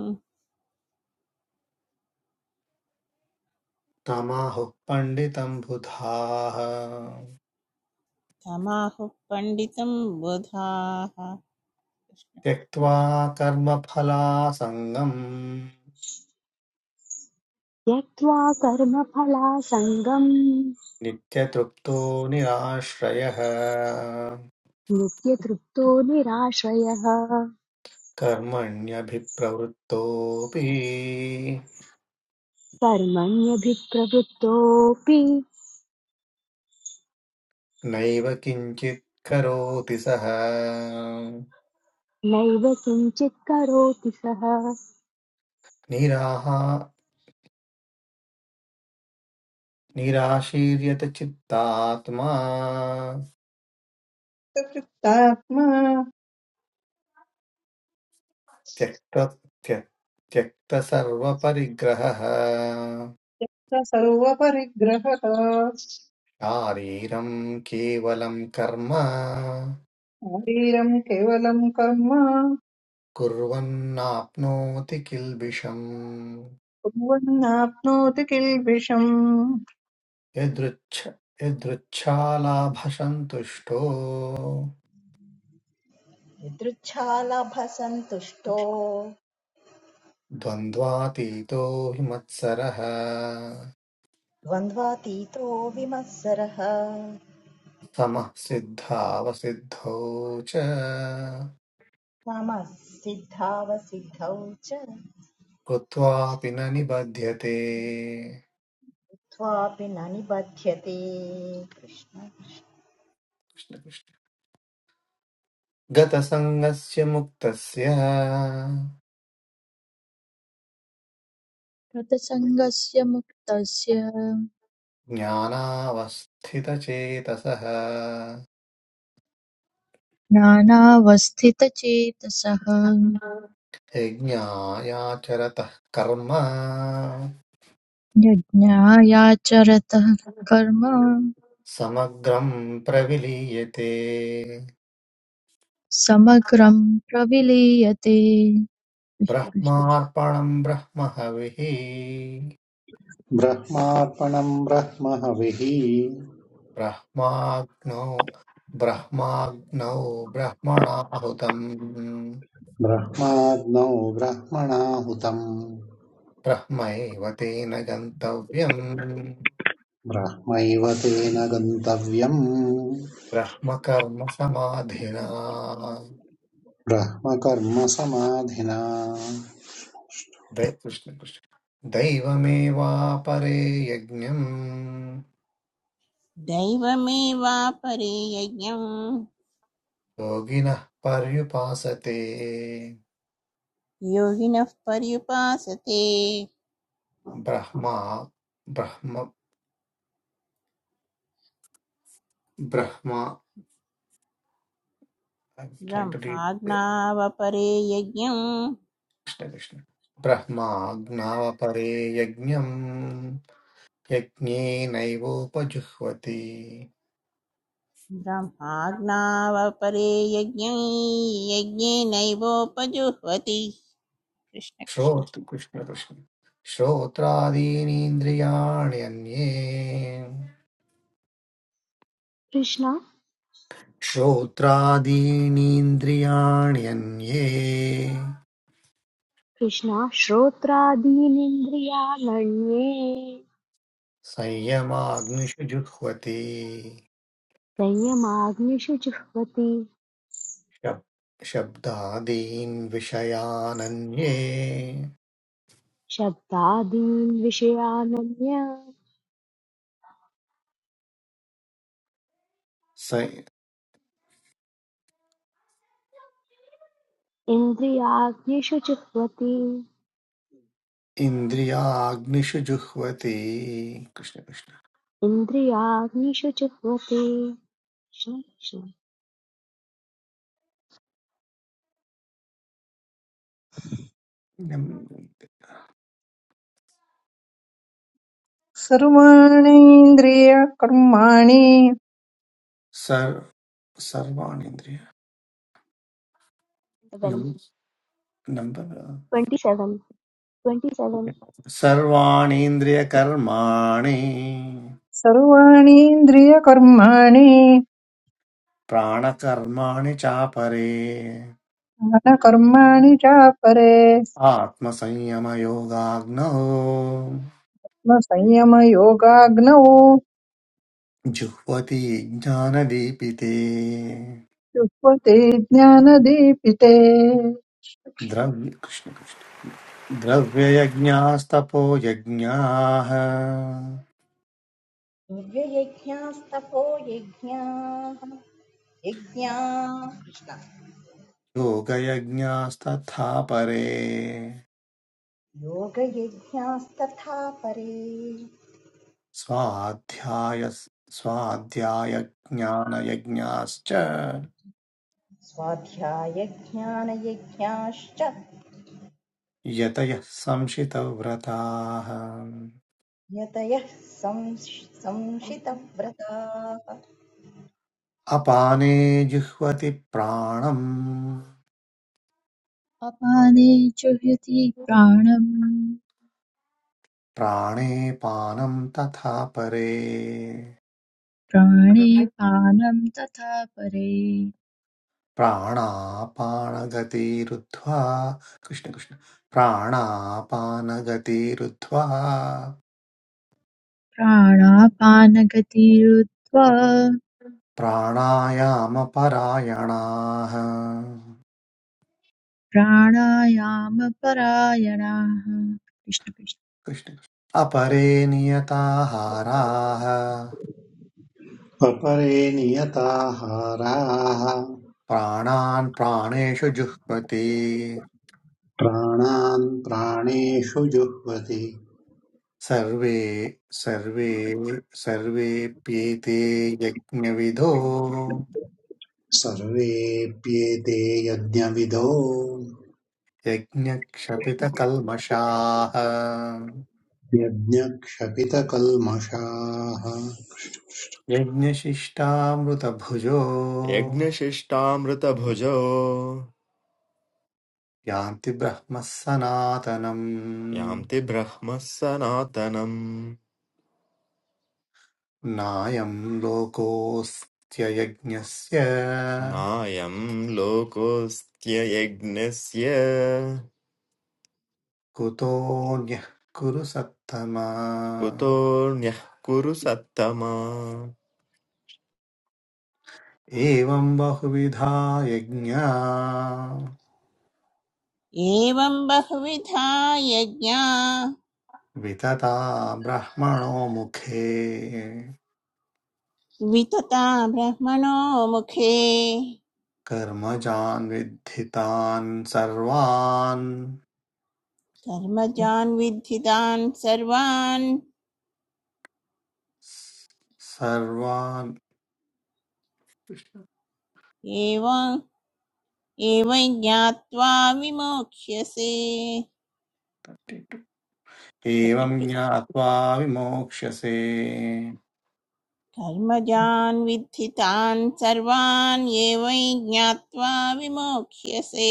G: तमाहुः पण्डितम् बुधाः
B: तमाहुः पण्डितम् बुधाः
G: त्यक्त्वा कर्मफलासङ्गम्
C: त्यक्त्वा कर्मफलासङ्गम्
G: नित्यतृप्तो निराश्रयः
C: नित्यतृप्तो निराश्रयः
G: कर्मण्यभिप्रवृत्तोऽपि
C: कर्मण्यभिप्रवृत्तोऽपि
G: नैव किञ्चित् करोति सः
C: नैव किञ्चित् करोति सः
G: निराहा निराशीर्यत चित्तात्मा
D: प्रयुक्तात्मा
G: त्यक्त त्य- त्यक्तसर्वपरिग्रहः
D: यत्र सर्वपरिग्रहः
G: शारीरं केवलं कर्म
D: शरीरम् केवलम् कर्म
G: कुर्वन्नाप्नोति किल्बिषम्
D: कुर्वन्नाप्नोति किल्बिषम्
G: यदृच्छ यदृच्छालाभसन्तुष्टो
E: यदृच्छालभसन्तुष्टो
G: द्वन्द्वातीतो हि मत्सरः
E: द्वन्द्वातीतो विमत्सरः
G: समः सिद्धावसिद्धौ च
E: मम सिद्धावसिद्धौ च
G: कृत्वापि न निबध्यते
E: त्वापि न निबध्यते कृष्ण
G: कृष्ण कृष्ण। गतसङ्गस्य मुक्तस्य
H: कृतसङ्गस्य मुक्तस्य
G: ज्ञानावस्थितचेतसः
H: ज्ञानावस्थितचेतसः
G: यज्ञायाचरतः कर्म
H: यज्ञायाचरतः कर्म
G: समग्रं प्रविलीयते
H: समग्रं प्रविलीयते
G: ब्रह्मार्पणं ब्रह्महविः
I: ब्रह्मार्पणम् ब्रह्म
G: ब्रह्माग्नौ ब्रह्माग्नौ ब्रह्मणाहुतम्
I: ब्रह्माग्नौ ब्रह्मणाहुतम्
G: ब्रह्मैव तेन गन्तव्यम्
I: ब्रह्मैव तेन गन्तव्यम्
G: ब्रह्मकर्मसमाधिना
I: ब्रह्मकर्मसमाधिना
G: दै- कृष्ण कृष्ण दैवमेवापरे यज्ञम्
B: दैवमेवापरे यज्ञम्
G: योगिनः पर्युपासते
B: योगिनः पर्युपासते
G: ब्रह्मा ब्रह्म Brahma I'm trying to read the-
B: ब्रह्माज्ञावपरे यज्ञम्
G: कृष्ण कृष्ण ब्रह्माज्ञावपरे यज्ञम् यज्ञेनैवोपजुह्वति
B: ब्रह्माज्ञावपरे यज्ञै यज्ञेनैवोपजुह्वति कृष्ण कृष्ण
G: श्रोत् कृष्ण कृष्ण श्रोत्रादीनीन्द्रियाण्यन्ये
C: कृष्ण
G: श्रोत्रादीनीन्द्रियाण्यन्ये
C: कृष्णाश्रोत्रादीनिन्द्रियाण्ये
G: संयमाग्निषु जुह्वति
C: संयमाग्निषु जुह्वति
G: शब् शब्दादीन् विषयानन्ये
C: शब्दादीन् विषयानन्य
G: स
C: इन्द्रियाग्निषु जुह्वति
G: इन्द्रियाग्निषु जुह्वति कृष्ण कृष्ण
C: इन्द्रियाग्निषु जुह्वति कृष्ण कृष्ण
G: नम्-
D: सर्वाणीन्द्रियकर्माणि
G: सर् सर्वाणि इन्द्रिय
C: सेवन्
G: नम्- number
C: twenty seven twenty seven
G: सर्वाणीन्द्रियकर्माणि
D: सर्वाणीन्द्रियकर्माणि
G: प्राणकर्माणि चापरे
D: मनकर्माणि चापरे
G: आत्मसंयमयोगाग्नौ
D: संयमयोगाग्नौ
G: जुह्वति ज्ञानदीपिते
D: युष्वते ज्ञानदीपिते
G: द्रव्य कृष्ण कृष्ण द्रव्ययज्ञास्तपो यज्ञाः
E: दिव्ययज्ञास्तपो यज्ञाः यज्ञाः कृष्ण
G: योगयज्ञास्तथा परे
E: योगयज्ञास्तथा परे
G: स्वाध्याय स्वाध्यायज्ञानयज्ञाश्च
E: स्वाध्यायज्ञानयज्ञाश्च
G: यतयः संशितव्रताः
E: यतयः संश- संशितव्रताः
G: अपाने जिह्वति प्राणम्
H: अपाने जुह्यति प्राणं
G: प्राणे पानम् तथा परे
H: प्राणे पानं तथा परे
G: प्राणापानगतिरुद्ध्वा कृष्ण कृष्ण प्राणापानगतिरुद्ध्वा
H: प्राणापानगतिरुत्वा
G: प्राणायामपरायणाः
H: प्राणायामपरायणाः कृष्ण कृष्ण।
G: कृष्ण कृष्ण। अपरे नियताहाराः
I: अपरे नियताहाराः
G: प्राणान् प्राणेषु जुह्वति
I: प्राणान् प्राणेषु जुह्वति
G: सर्वे सर्वे सर्वेऽप्येते यज्ञविधो
I: सर्वेऽप्येते यज्ञविदो
G: यज्ञक्षपितकल्मषाः
I: यज्ञक्षपितकल्मषाः
G: यज्ञशिष्टामृतभुजो
J: यज्ञशिष्टामृतभुजो
G: यान्ति ब्रह्मः सनातनम्
J: यान्ति ब्रह्मः सनातनम्
G: नायम् लोकोऽस्त्ययज्ञस्य
J: नायं लोकोऽस्त्ययज्ञस्य
G: कुतोऽन्यः कुरु सत्तमा
J: कुतोऽन्यः कुरु सत्तमा
G: एवम् बहुविधा यज्ञा
B: एवं बहुविधा यज्ञा
G: वितता ब्रह्मणो मुखे
B: वितता ब्रह्मणो मुखे
G: कर्मजान् विद्धितान् सर्वान्
B: कर्मजान् विद्धितान् सर्वान्
G: सर्वान्
B: एव एवं ज्ञात्वा विमोक्ष्यसे थर्टी टू।
G: एवं ज्ञात्वा विमोक्ष्यसे
B: कर्मजान् विद्धि तान् सर्वान् ये वै ज्ञात्वा विमोक्ष्यसे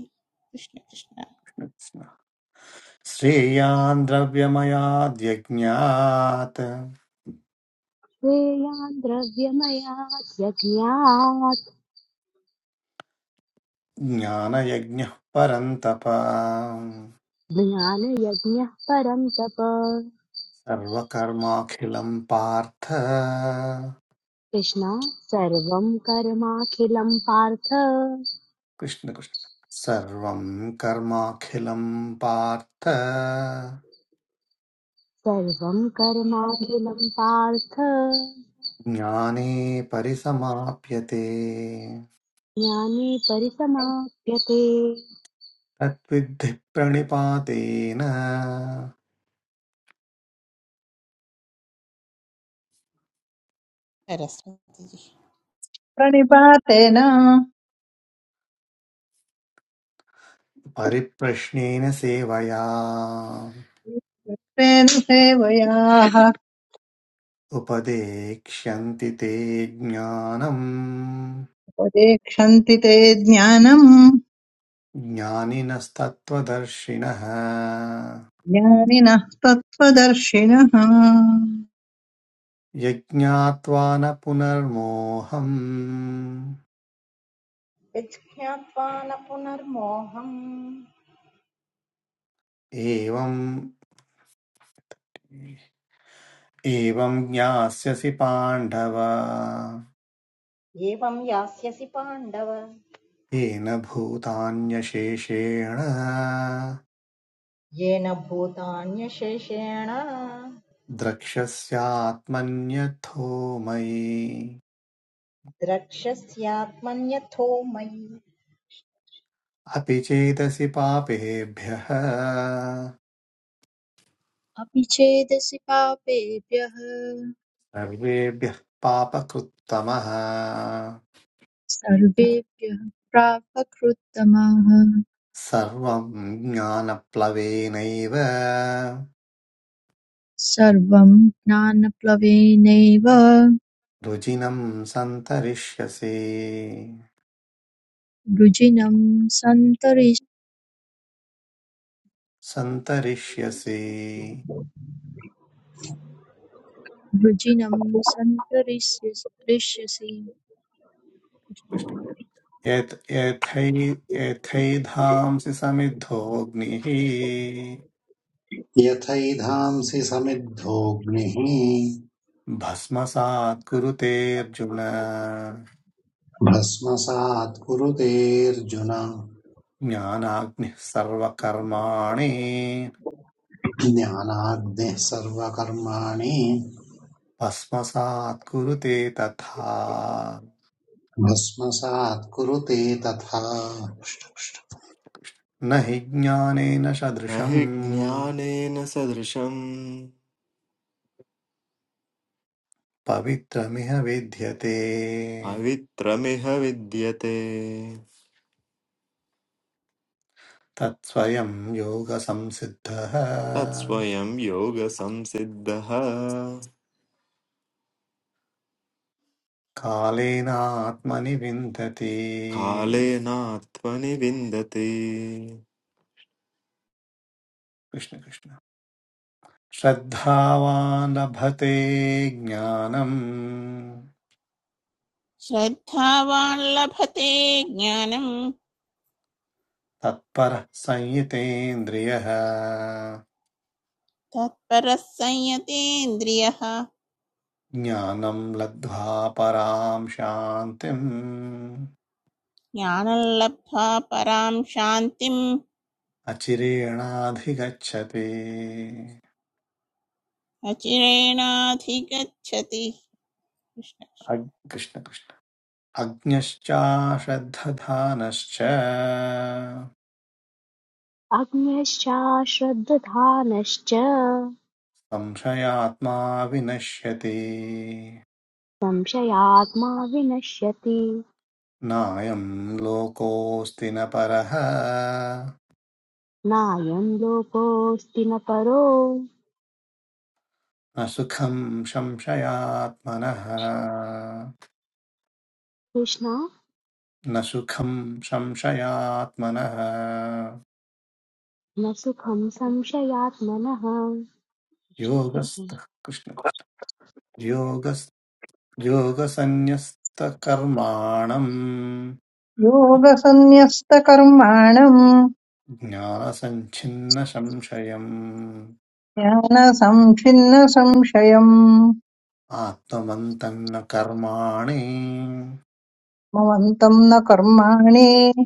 B: कृष्ण कृष्ण
G: श्रेयान् द्रव्यमयाद्यज्ञात्
C: श्रेयान् द्रव्यमयात् यज्ञात्
G: ज्ञानयज्ञः परन्तप
C: ज्ञानयज्ञः परं तप
G: सर्वकर्माखिलं पार्थ
C: कृष्ण सर्वं कर्माखिलं पार्थ
G: कृष्ण कृष्ण सर्वं कर्माखिलं पार्थ
C: सर्वं कर्माखिलं पार्थ
G: ज्ञाने परिसमाप्यते
C: ज्ञाने परिसमाप्यते
G: तद्विद्धि प्रणिपातेन
B: सरस्वती जी।
D: प्रणिपातेन
G: परिप्रश्नेन सेवया
D: स्वेन सेवयाः
G: उपदेक्ष्यन्ति ते ज्ञानम्
D: उपदेक्षन्ति ते ज्ञानम्
G: ज्ञानिनस्तत्त्वदर्शिनः
D: ज्ञानिनः तत्त्वदर्शिनः
G: यज्ञात्वा न पुनर्मोहम्
E: यज्ञात्वा न पुनर्मोहम्
G: एवम् एवं ज्ञास्यसि पाण्डव
E: एवं यास्यसि पाण्डव
G: येन भूतान्यशेषेण
E: येन भूतान्यशेषेण
G: द्रक्ष्यस्यात्मन्यथो मयि
E: द्रक्ष्यस्यात्मन्यथो मयि
G: अपि चेतसि पापेभ्यः
H: अपि चेदसि पापेभ्यः
G: सर्वेभ्यः पापकृत्तमः
H: सर्वेभ्यः प्रापकृत्तमाः
G: सर्वं ज्ञानप्लवेनैव
H: सर्वं ज्ञानप्लवेनैव
G: रुजिनं सन्तरिष्यसि
H: वृजिनं
G: सन्तरिष्यसि
H: भजनम संतरिष्य स्वर्चिष्य
G: कृष्ण। यत् यथै- यथैधांसि समिद्धोऽग्निः
I: यथैधांसि समिद्धोऽग्निः
G: भस्मसात् कुरुते अर्जुन
I: भस्मसात् कुरुतेऽर्जुन
G: ज्ञानाग्निः सर्वकर्माणि
I: ज्ञानाग्निः सर्वकर्माणि
G: भस्मसात् कुरुते तथा
I: भस्मसात् कुरुते तथा
G: न हि ज्ञानेन
J: न
G: सदृशम्
J: हि ज्ञानेन सदृशम्
G: पवित्रमिह विद्यते
J: पवित्रमिह विद्यते
G: तत्स्वयं योगसंसिद्धः
J: तत्स्वयं योगसंसिद्धः
G: कालेनात्मनि विन्दति
J: कालेनात्मनि विन्दते
G: कृष्ण कृष्ण श्रद्धावान् लभते ज्ञानम्
B: श्रद्धावान् लभते ज्ञानं
G: तत्परः संयितेन्द्रियः
B: तत्परः संयतेन्द्रियः
G: ज्ञानम् लब्ध्वा पराम् शान्तिम्
B: ज्ञानं लब्ध्वा परां शान्तिं
G: अचिरेणाधिगच्छति
B: अचिरेणाधिगच्छति कृष्ण
G: अग्- कृष्ण कृष्ण अग्न्यश्चाश्रद्धधानश्च
C: अज्ञश्चाश्रद्धधानश्च
G: संशयात्मा विनश्यति
C: संशयात्मा विनश्यति
G: नायम् लोकोऽस्ति न परः
C: नायं लोकोऽस्ति न परो
G: न सुखम् संशयात्मनः
C: कृष्ण
G: न सुखम् संशयात्मनः
C: न सुखं संशयात्मनः कृष्ण
G: योगस्थः कृष्ण कृष्ण योगस् योगसन्न्यस्तकर्माणम्
D: योगसन्न्यस्तकर्माणम्
G: ज्ञानसञ्छिन्न संशयम्
D: ज्ञानसंच्छिन्न संशयम्
G: आत्मवन्तम् न कर्माणि
D: ममन्तम् न कर्माणि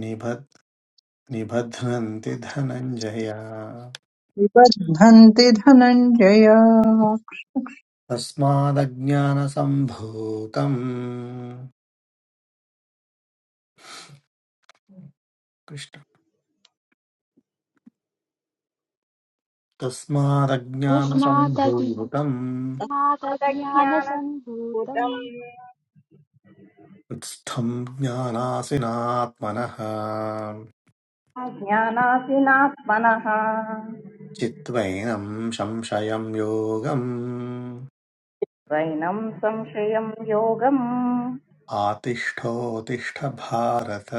G: निबध् निबध्नन्ति धनञ्जय
D: निबध्नन्ति धनञ्जय
G: तस्मादज्ञानसम्भूतम्
C: कृष्ण
G: तस्मादज्ञानसम्भूतम्
C: तस्मात्
E: तत्तदज्ञानभूतम्
C: अज्ञानसम्भूतम्
G: उत्स्थम् ज्ञानासिनात्मनः
E: अज्ञानासिनात्मनः
G: चित्वैनं संशयं योगम्
E: स्वैनम् संशयम् योगम्
G: आतिष्ठोतिष्ठ भारत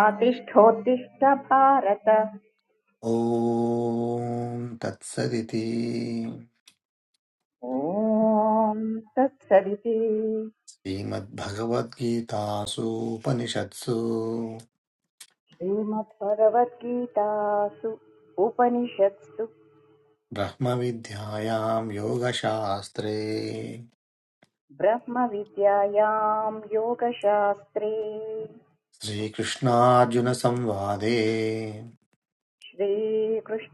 E: आतिष्ठोत्तिष्ठ भारत
G: ॐ तत्सदिति
E: ॐ तत्सदिति
G: श्रीमद्भगवद्गीतासूपनिषत्सु
E: श्रीमद्भगवद्गीतासु उपनिषत्सु
G: ब्रह्मविद्यायाम् योगशास्त्रे
E: ब्रह्मविद्यायाम् योगशास्त्रे
G: श्रीकृष्णार्जुनसंवादे
E: श्रीकृष्णार्जुनसंवादे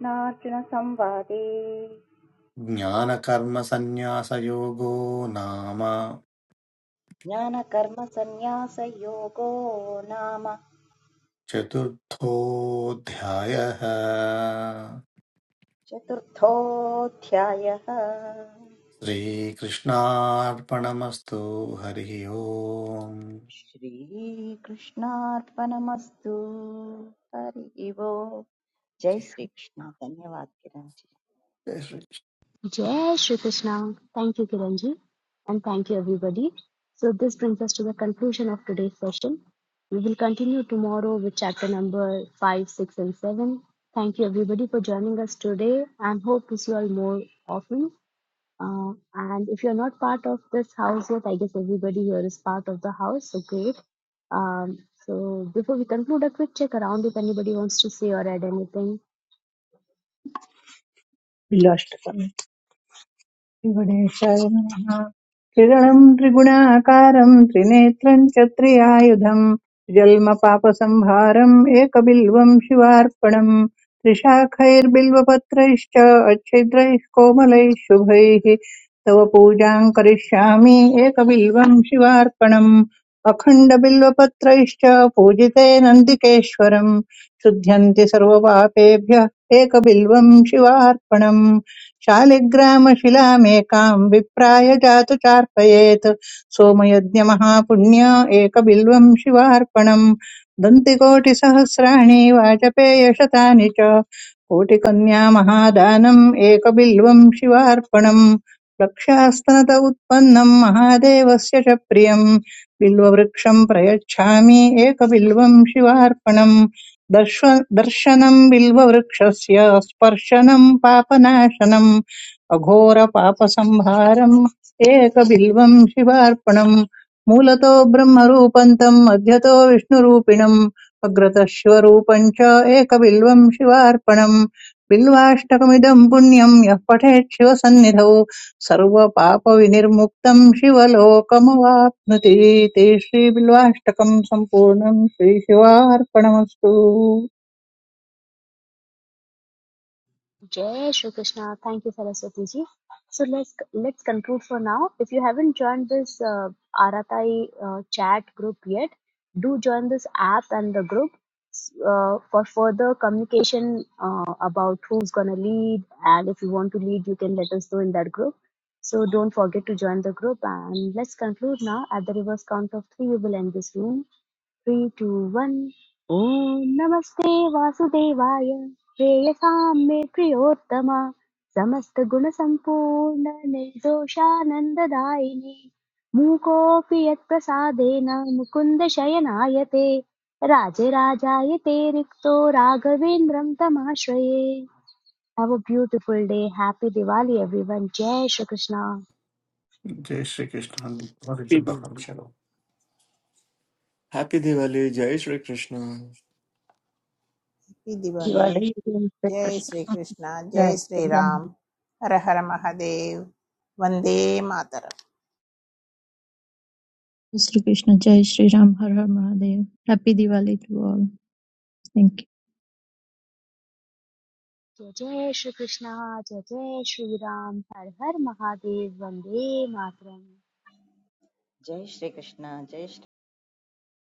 G: ज्ञानकर्मसन्न्यासयोगो नाम
E: ज्ञानकर्मसन्न्यासयोगो नाम
G: चतुर्थोऽध्यायः
E: चतुर्थोऽध्यायः
G: श्रीकृष्णार्पणमस्तु हरिः ओम्
E: श्रीकृष्णार्पणमस्तु हरि वो जय श्रीकृष्ण धन्यवाद किरण जी
G: जय Shri
C: Jai Shri Krishna. Thank you, Kiranji. And thank you, everybody. So, this brings us to the conclusion of today's session. We will continue tomorrow with chapter number 5, 6, and 7. Thank you, everybody, for joining us today and hope to see you all more often. Uh, and if you're not part of this house yet, I guess everybody here is part of the house. So, great. Um, so, before we conclude, a quick check around if anybody wants to say or add anything.
D: विलाष्टकम् त्रिगुणेश्वरं नमः त्रिगुणम् त्रिगुणाकारम् त्रिनेत्रम् च त्रियायुधम् जल्मपापसंहारम् एकबिल्वम् शिवार्पणम् त्रिशाखैर्बिल्वपत्रैश्च अच्छिद्रैः कोमलैः शुभैः तव पूजाम् करिष्यामि एकबिल्वम् शिवार्पणम् अखण्डबिल्वपत्रैश्च पूजिते नन्दिकेश्वरम् शुध्यन्ति सर्वपापेभ्यः एकबिल्वम् शिवार्पणम् शालिग्रामशिलामेकाम् विप्राय जातु चार्पयेत् सोमयज्ञमहापुण्य एकबिल्वम् शिवार्पणम् दन्तिकोटिसहस्राणि वाजपेयशतानि च कोटिकन्या महादानम् एकबिल्वम् शिवार्पणम् लक्षास्तनत उत्पन्नम् महादेवस्य च प्रियम् बिल्ववृक्षम् प्रयच्छामि एकबिल्वम् शिवार्पणम् दर्श्व दर्शनम् बिल्ववृक्षस्य स्पर्शनम् पापनाशनम् अघोरपापसंहारम् एकबिल्वम् शिवार्पणम् मूलतो ब्रह्मरूपम् तम् मध्यतो विष्णुरूपिणम् अग्रतः शिवरूपम् च एकबिल्वम् शिवार्पणम् बिल्वाष्टकमिदम् पुण्यम् यः पठेत् शिवसन्निधौ सर्वपापविनिर्मुक्तं शिवलोकमवाप्नुते ते श्रीबिल्वाष्टकं सम्पूर्णं श्रीशिवार्पणमस्तु
C: Jai Shri Krishna. Thank you, Saraswati ji. So let's let's conclude for now. If you haven't joined this uh, Aratai uh, chat group yet, do join this app and the group uh, for further communication uh, about who's gonna lead. And if you want to lead, you can let us know in that group. So don't forget to join the group. And let's conclude now. At the reverse count of three, we will end this room. Three two one ॐ नमस्ते वासुदेवाय प्रेयसां मे प्रियोत्तम समस्तगुणसम्पूर्ण निर्दोषानन्ददायिनि मूकोऽपि यत्प्रसादेन मुकुन्द शयनाय राजराजाय ते रिक्तो राघवेन्द्रं तमाश्रये have a beautiful day happy Diwali everyone जय श्री कृष्णा
G: जय श्रीकृष्ण
J: हैप्पी दिवाली जय श्री
B: कृष्ण। दिवाली
D: दिवाली
B: जय श्री
D: कृष्ण
B: कृष्ण जय
D: जय
B: श्री
D: श्री राम
B: राम हर हर महादेव वंदे मातर
H: श्री कृष्णा जय श्रीराम हर हर Mahadev happy Diwali to all thank you.
C: जय जय श्री कृष्णा जय जय श्री राम हर हर महादेव वंदे मातरम
E: जय श्रीकृष्ण जय श्री